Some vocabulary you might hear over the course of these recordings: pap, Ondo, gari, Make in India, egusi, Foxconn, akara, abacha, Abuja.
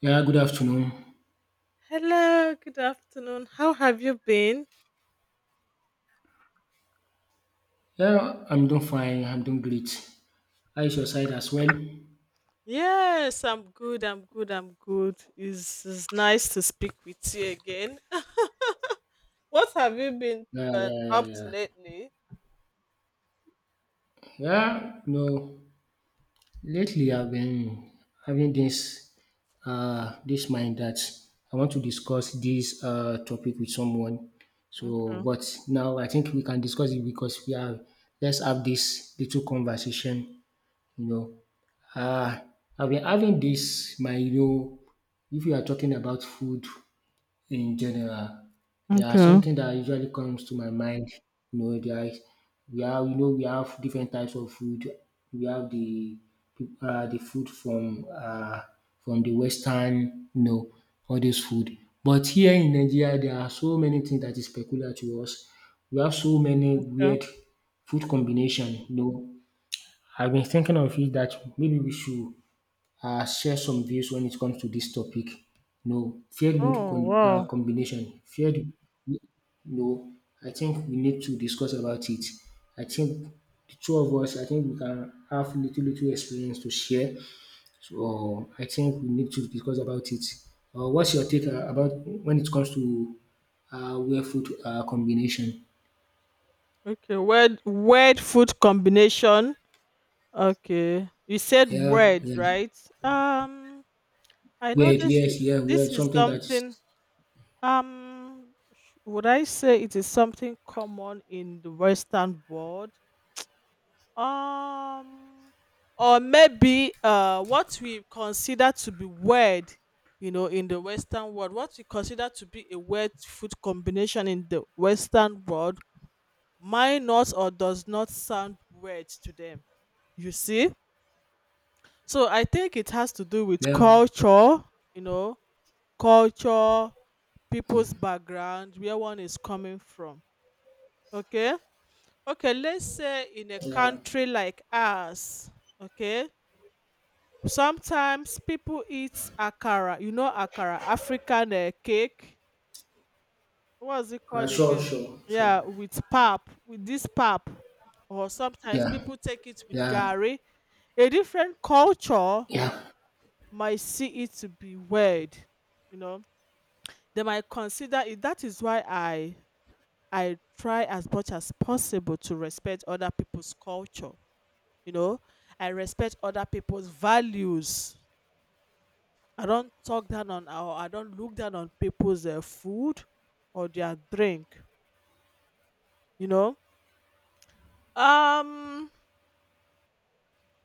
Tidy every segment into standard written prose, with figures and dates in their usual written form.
Yeah, good afternoon. Hello, good afternoon. How have you been? Yeah, I'm doing fine. I'm doing great. How is your side as well? Yes, I'm good. I'm good. It's nice to speak with you again. What have you been Yeah, yeah, yeah, up to yeah. lately? Yeah, no. Lately, I've been having this, this mind that I want to discuss this topic with someone. So, Okay. but now I think we can discuss it because we are. Let's have this little conversation. You know, uh, I've been having this if you are talking about food in general. There are Okay. something that usually comes to my mind. You know, there is we have different types of food. We have the food from the western, you know, all this food. But here in Nigeria, there are so many things that is peculiar to us. We have so many Okay. weird food combination. You know, I've been thinking of it that maybe we should share some views when it comes to this topic. No, fair good Oh, con- uh, wow. combination. Fair, no, I think we need to discuss about it. I think the two of us, I think we can have little experience to share. So I think we need to discuss about it. What's your take about when it comes to wear food combination? Okay. Weird food combination. Okay. You said Yeah, weird, yeah. right? Um, I know Weird, this is yes, yeah, this weird. is Something that is, something. Um, would I say it is something common in the Western world? um or maybe what we consider to be weird, you know, in the Western world, what we consider to be a weird food combination in the Western world might not, or does not sound weird to them. You see, so I think it has to do with well, culture. You know, culture, people's background, where one is coming from. Okay. Okay let's say in a yeah. country like ours. Okay. Sometimes people eat akara, you know, akara, African cake. What's it called Sure, again? sure, sure. Yeah, with pap, with this pap. Or sometimes Yeah, people take it with yeah. gari. A different culture Yeah. might see it to be weird, you know. They might consider it. That is why I try as much as possible to respect other people's culture. You know, I respect other people's values. I don't talk down on, or I don't look down on people's food or their drink, you know. Um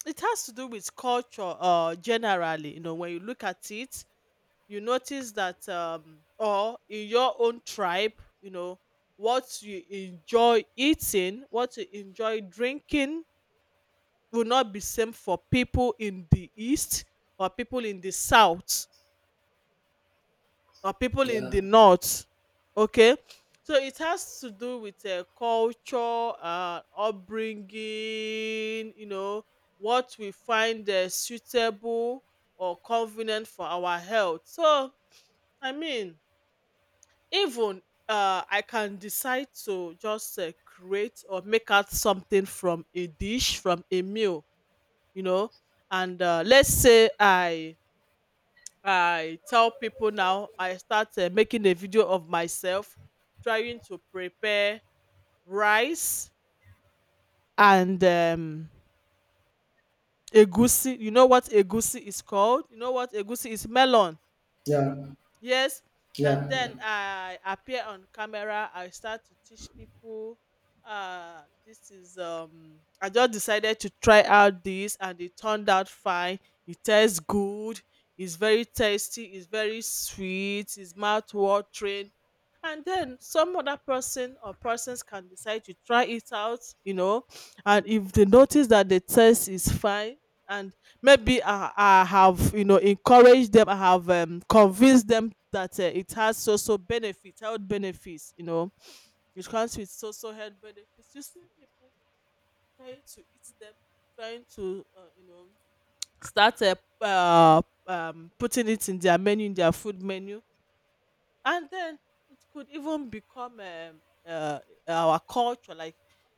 it has to do with culture generally, you know, when you look at it, you notice that or in your own tribe, you know, what you enjoy eating, what you enjoy drinking will not be same for people in the east, or people in the south, or people in Yeah. the north. Okay, so it has to do with culture, upbringing, you know, what we find suitable or convenient for our health. So I mean, even I can decide to just create or make out something from a dish, from a meal, you know. And let's say I tell people now, I start making a video of myself trying to prepare rice and egusi. You know what egusi is called? You know what egusi is? Melon. Yeah, Yes, and yeah. Yeah. then I appear on camera. I start to teach people. This is. I just decided to try out this, and it turned out fine. It tastes good. It's very tasty. It's very sweet. It's mouth watering. And then some other person or persons can decide to try it out, you know. And if they notice that the taste is fine, and maybe I have, you know, encouraged them, I have convinced them that it has social benefits, health benefits, you know. It comes with social health benefits. You see people trying to eat them, trying to start, uh, putting it in their menu, in their food menu. And then it could even become, uh, our culture, like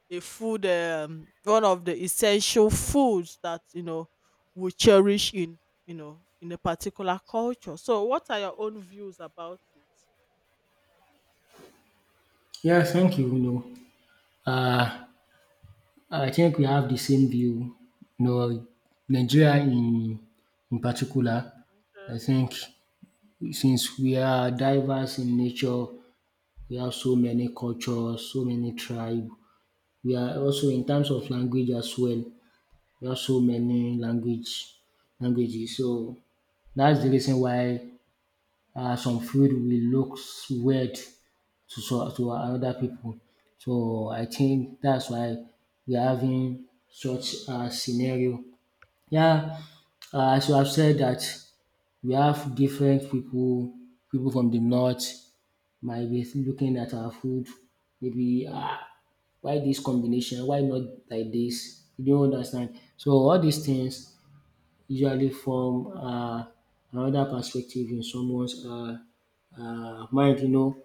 a food, one of the essential foods that, you know, we cherish in, you know, in a particular culture. So what are your own views about it? Yes, thank you. No, uh, I think we have the same view. No, Nigeria in particular, Okay. I think since we are diverse in nature, we have so many cultures, so many tribes. We are also in terms of language as well. We have so many languages. So that's the reason why some food will look weird to some to other people. So I think that's why we are having such a scenario. Yeah, as you have said that we have different people, people from the north might be looking at our food, maybe why this combination, why not like this? You don understand. So all these things usually form another perspective in someone's mind, you know.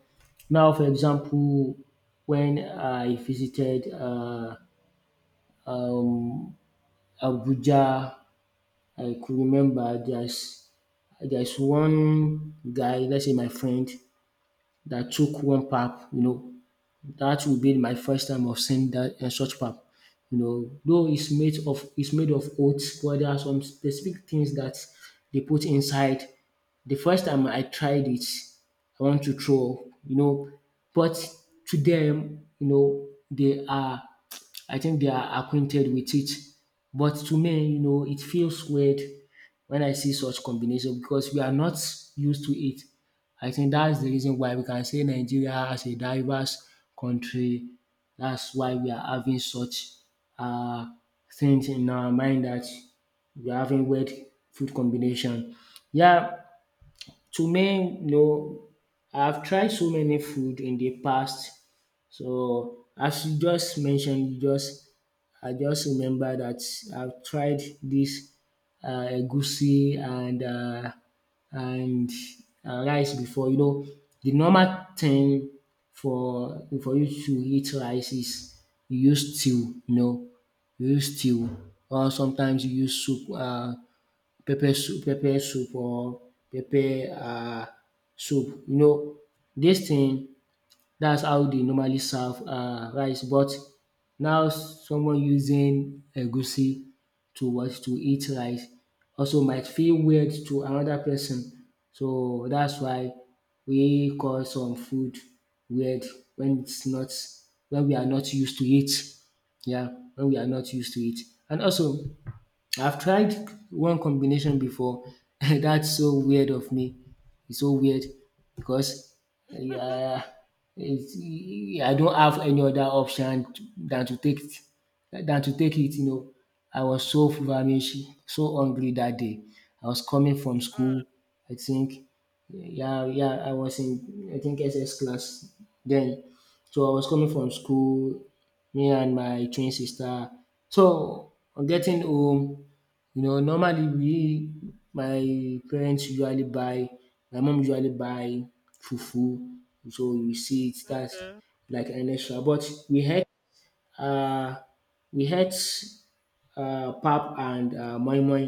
Now for example, when I visited um Abuja, I could remember there's one guy, let's say my friend, that took one pap, you know. That will be my first time of seeing that, such pap. You know, though it's made of oats, but there are some specific things that they put inside. The first time I tried it, I want to throw up, you know, but to them, you know, they are, I think they are acquainted with it. But to me, you know, it feels weird when I see such combination because we are not used to it. I think that's the reason why we can say Nigeria as a diverse country. That's why we are having such uh, things in our mind that we're having weird food combination. Yeah, to me, no, I've tried so many food in the past. So as you just mentioned, you just I just remember that I've tried this egusi and rice before. You know, the normal thing for you to eat rice is you use stew. You know, you use stew, or sometimes you use soup. Pepper soup or pepper Mm. Soup. You know this thing, that's how they normally serve rice. But now someone using egusi to what to eat rice also might feel weird to another person. So that's why we call some food weird when its not, when we are not used to it. Yeah, when we are not used to it. And also I've tried one combination before. That's so weird of me. It's so weird because yeah, it's, yeah, I don't have any other option than to take it, than to take it. You know, I was so famished, so hungry that day. I was coming from Ah, school. I think yeah, yeah, I was in, I think, SS class then. So I was coming from school, me and my twin sister. So on getting home, you know, normally we, my parents usually buy my mom usually buy fufu. So we see it that's okay. like an extra. But we had uh we had pap and moi moi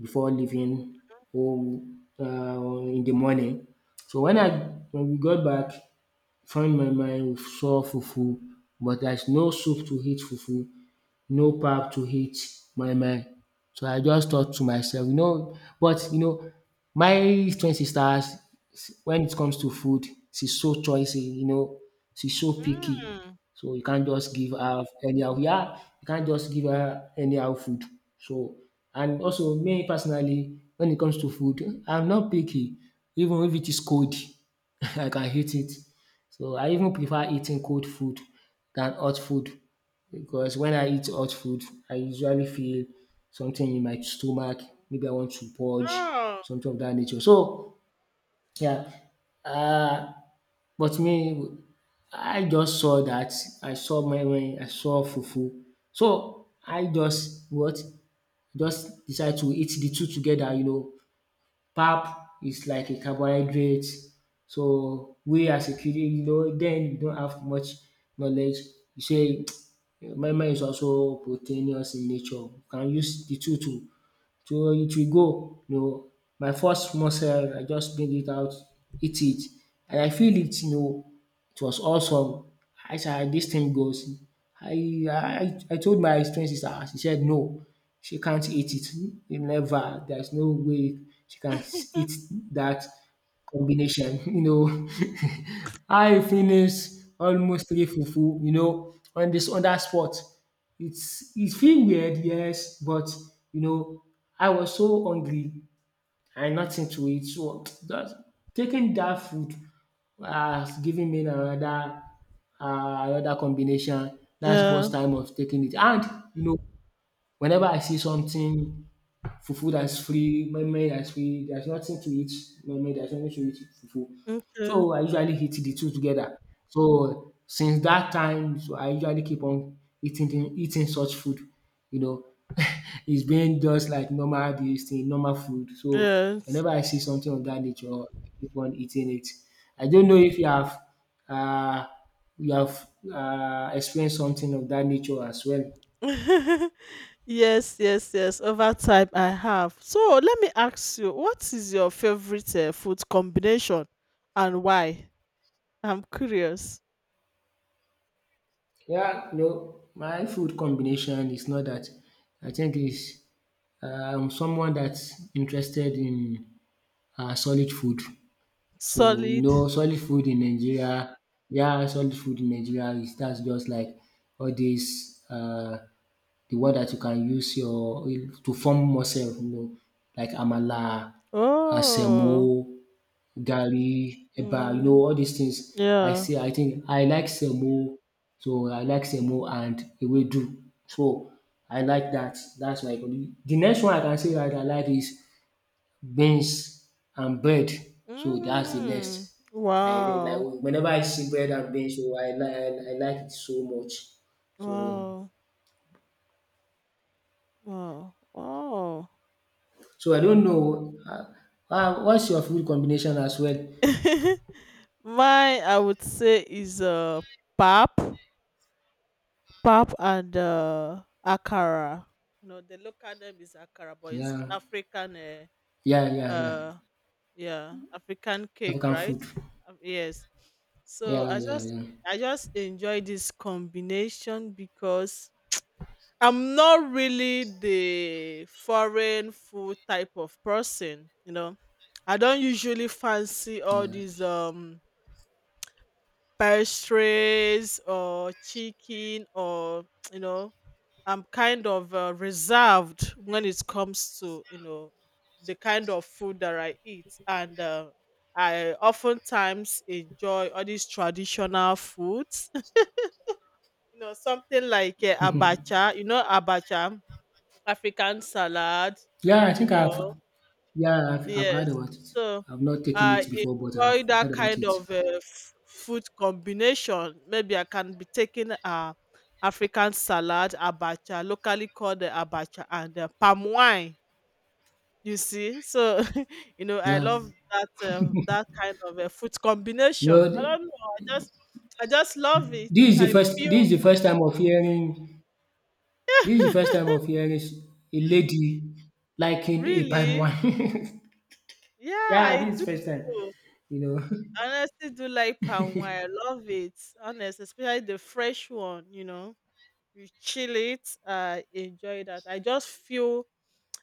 before leaving home, in the morning. So when we got back, found my mind saw fufu, but there's no soup to eat fufu, no pack to hate my mind. So I just thought to myself, you know, but you know, my twin sister, when it comes to food, she's so choicy, you know, she's so picky. Mm. So you can't just give her anyhow. Yeah, you can't just give her anyhow food. So, and also me personally, when it comes to food, I'm not picky. Even if it is cold, I can eat it. So I even prefer eating cold food than hot food, because when I eat hot food, I usually feel something in my stomach. Maybe I want to purge, Oh. something of that nature. So yeah, uh, but me, I just saw that. I saw my when I saw fufu. So I just what just decide to eat the two together. You know, pap is like a carbohydrate. So we as a kid, you know, den we don't have much knowledge. You say moi moi is also proteinous in nature. You can use the two to, so it will go, you know. My first muscle, I just bring it out, eat it, and I feel it, you know. It was awesome. I said, "Ah, this thing goes." I told my twin sister, she said no, she can't eat it, never, there's no way she can eat that combination. You know. I finished almost three fufu, you know, on this on dat spot. It's, it feel weird, yes, but you know, I was so hungry and nothing to eat. So that taking that food has given me another, another combination. That's the Yeah. first time of taking it. And you know, whenever I see something, fufu that's free, moimoi that's free. There's nothing to eat moimoi, there's nothing to eat fufu. Okay. So I usually eat the two together. So since that time, so I usually keep on eating the eating such food, you know. It's been just like normal this thing, normal food. So Yes. whenever I see something of that nature, I keep on eating it. I don't know if you have uh, you have experienced something of that nature as well. Yes, yes, yes. Over time, I have. So let me ask you, what is your favorite food combination, and why? I'm curious. Yeah, no, my food combination is not that. I think is someone that's interested in solid food. So you Solid. know, solid food in Nigeria, yeah, solid food in Nigeria is that's just like all these the one that you can use your to form muscle, you know, like amala, Oh. asemo, garri, eba, you know, Mm, all these things. I yeah. say I think I like semo, so I like semo and ewedu. So I like that. That's my economy. The next one I can say that I like is beans and bread. So that's the Mm, next. I really wow. like whenever I see bread and beans, so I like it so much. So Wow. Wow. Wow. so I don't know. What's your food combination as well? Mine, I would say, is pap. Pap and, akara. You know, the local name is akara, but it's Yeah, African, eh, yeah, yeah, yeah. uh, yeah, African cake, African right? food. Yes. So Yeah, yeah, yeah. I just enjoy this combination because I'm not really the foreign food type of person. You know, I don't usually fancy all Yeah. these pastries or chicken, or you know, I'm kind of reserved when it comes to, you know, the kind of food that I eat. And I oftentimes enjoy all these traditional foods. You know, something like abacha. You know, abacha, African salad. Yeah, I You think I've know, yeah, I've heard yes. about it. So I've not taken I it before, but I've enjoy that heard about kind it. of food combination. Maybe I can be taking African salad, abacha, locally called the abacha, and palm wine. You see, so you know, I Yeah. love that, that kind of a food You combination. know, I don't know. I just love it. I this feel is the first time of hearing, this is the first time of hearing a lady liking a palm really, wine. yeah, I Yeah, this do. is first time. You know, I honestly do like palm wine. I love it. Honest, especially the fresh one, you know. You chill it. I enjoy that. I just feel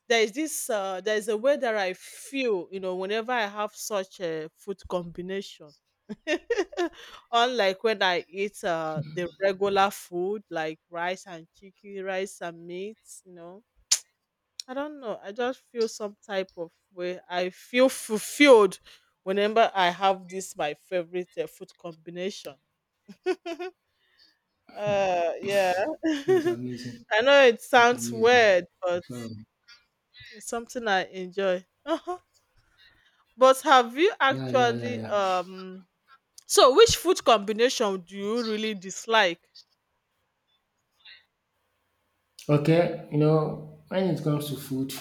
there is a way that I feel, you know, whenever I have such a food combination. Unlike when I eat the regular food, like rice and chicken, rice and meat, you know. I don't know. I just feel some type of way. I feel fulfilled whenever I have this my favorite food combination. uh, yeah. that's amazing. I know it It's sounds amazing. weird, but So it's something I enjoy. Uh-huh. But have you yeah, yeah, yeah, actually yeah. um? So which food combination do you really dislike? Okay, you know, when it comes to food,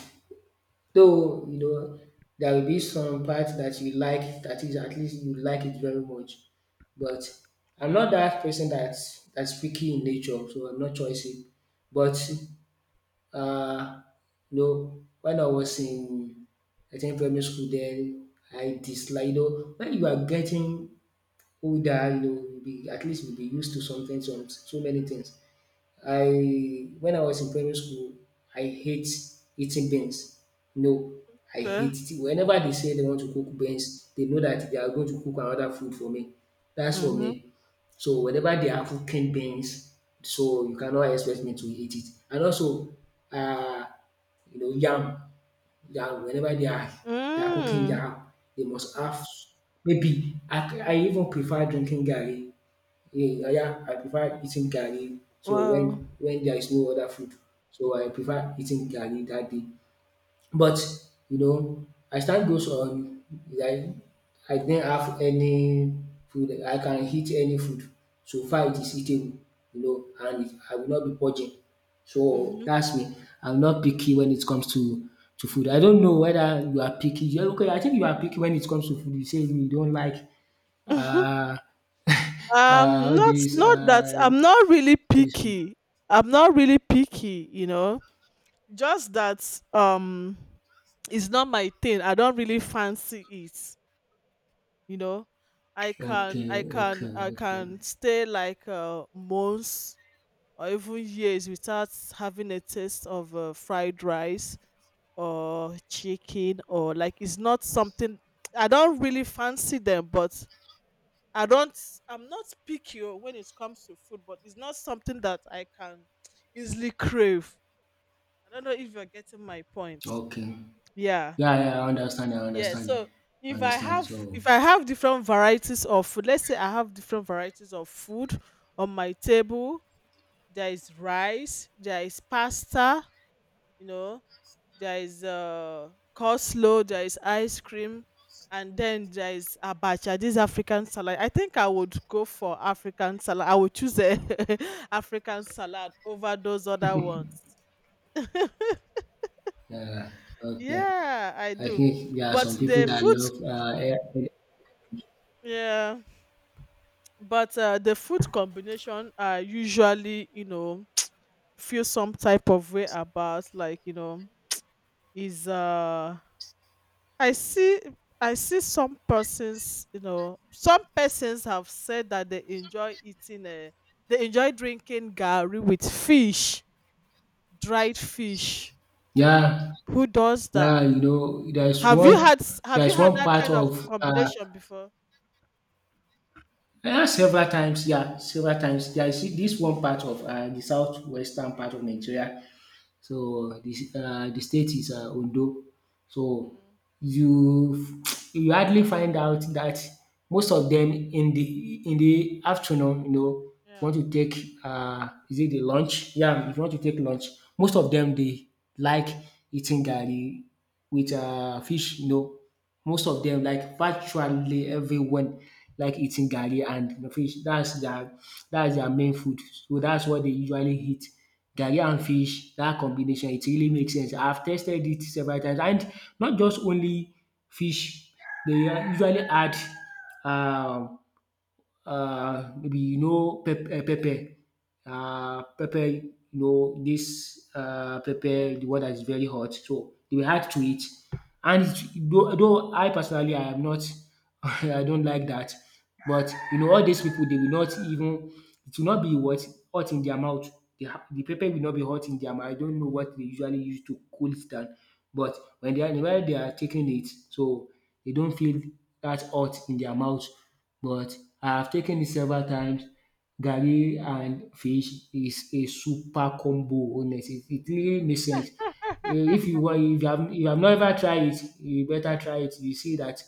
though, you know, there will be some parts that you like, that is at least you like it very much. But I'm Okay. not that person that's picky in nature, so I'm not choosy. But uh you know, when I was in, I think, primary school then I dislike, you know, when you are getting older, you know, you be at least you'll be used to something, some so many things. I when I was in primary school, I hate eating beans. No, I Okay. hate it. Whenever they say they want to cook beans, they know that they are going to cook another food for me. That's for Mhm. me. So whenever they are cooking beans, so you cannot expect me to eat it. And also, uh, you know, yam, yam. Whenever they are cooking Mm. yam, they must have, maybe I even prefer drinking garri, yeah, yeah, I prefer eating garri. So Wow. when there is no other food, so I prefer eating garri that day. But you know, as time goes on, I I didn't have any food. I can eat any food. So far, it is eating, you know, and it, I will not be purging. So Mhm. that's me. I'm not picky when it comes to food. I don't know whether you are picky. You okay, I think you are picky when it comes to food. You say you don't like uh, uh all this not that uh I'm not really all this food. picky. I'm not really picky, you know. Just that um it's not my thing. I don't really fancy it, you know. Okay, okay, I okay, can stay like months or even years without having a taste of fried rice or chicken, or like it's not something, I don't really fancy them, but I don't I'm not picky oh, when it comes to food, but it's not something that I can easily crave. I don't know if you're getting my point. okay. Yeah. Yeah, yeah, I understand. I Yeah. understand. So I understand. So, if I have different varieties of food, let's say I have different varieties of food on my table. There is rice, there is pasta, you know, there is coleslaw, there is ice cream, and then there is abacha, this African salad. I think I would go for African salad. I would choose a African salad over those other ones. yeah, okay. Yeah, I I do. think there are But some people the that food, love. Yeah, but the food combination are usually, you know, feel some type of way about, like, you know, is I see I see some persons, you know, some persons have said that they enjoy eating they enjoy drinking gari with fish, dried fish. Yeah, Who does yeah. that? You know, Have you had have you there's had one that part kind of of. Combination before? Yeah, several times. Yeah, several times. There is this one part of the southwestern part of Nigeria. So the state is Ondo. So Mm, you you hardly find out that most of them in the afternoon, you know, if you yeah. want to take is it the lunch? Yeah, if you want to take lunch most of them they like eating garri with Mm, fish, you know, most of them, like virtually everyone, like eating garri and fish. That's their main food. So that's what they usually eat. Garri and fish, that combination, it really makes sense. I've tested it several times, and not just only fish. They usually add um maybe you know pepper, pepper, you know this pepper, yeah. the one that is very hot. So they will add to it, and though, I personally I am not, I don't like that, but you know all these people they will not even it will not be what hot in their mouth. The, the pepper Mm, will not be hot in their mouth. I don't know what they usually use to cool it down, but when they are taking it, so they don't feel that hot in their mouth, but I have taken it several times. Garri and fish is a super combo. Honestly, it really makes sense. Eh, if you want, if you have never tried it, you better try it. You see that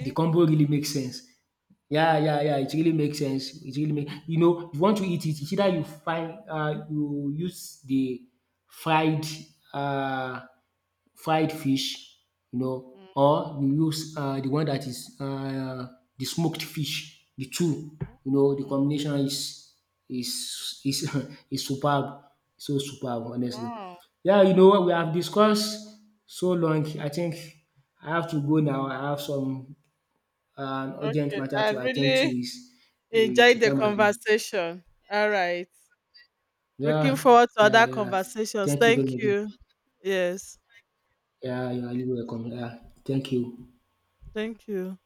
the combo really makes sense. Yeah, yeah, yeah. It really makes sense. It really make, you know, if you want to eat it, it's either you find you use the fried uh fried fish, you know, or you use the one that is the smoked fish. The two, you know, the Mm, combination is is is is superb, so superb honestly. wow. Yeah, you know what we have discussed so long. I think I have to go now. I have some urgent Okay, matter I to attend to really is enjoyed the the time has gone. conversation. All right. Yeah, Looking forward to yeah, other yeah. conversations. Thank you Thank very you. much. Yes. Yeah, you are really welcome. Yeah, thank you. Thank you.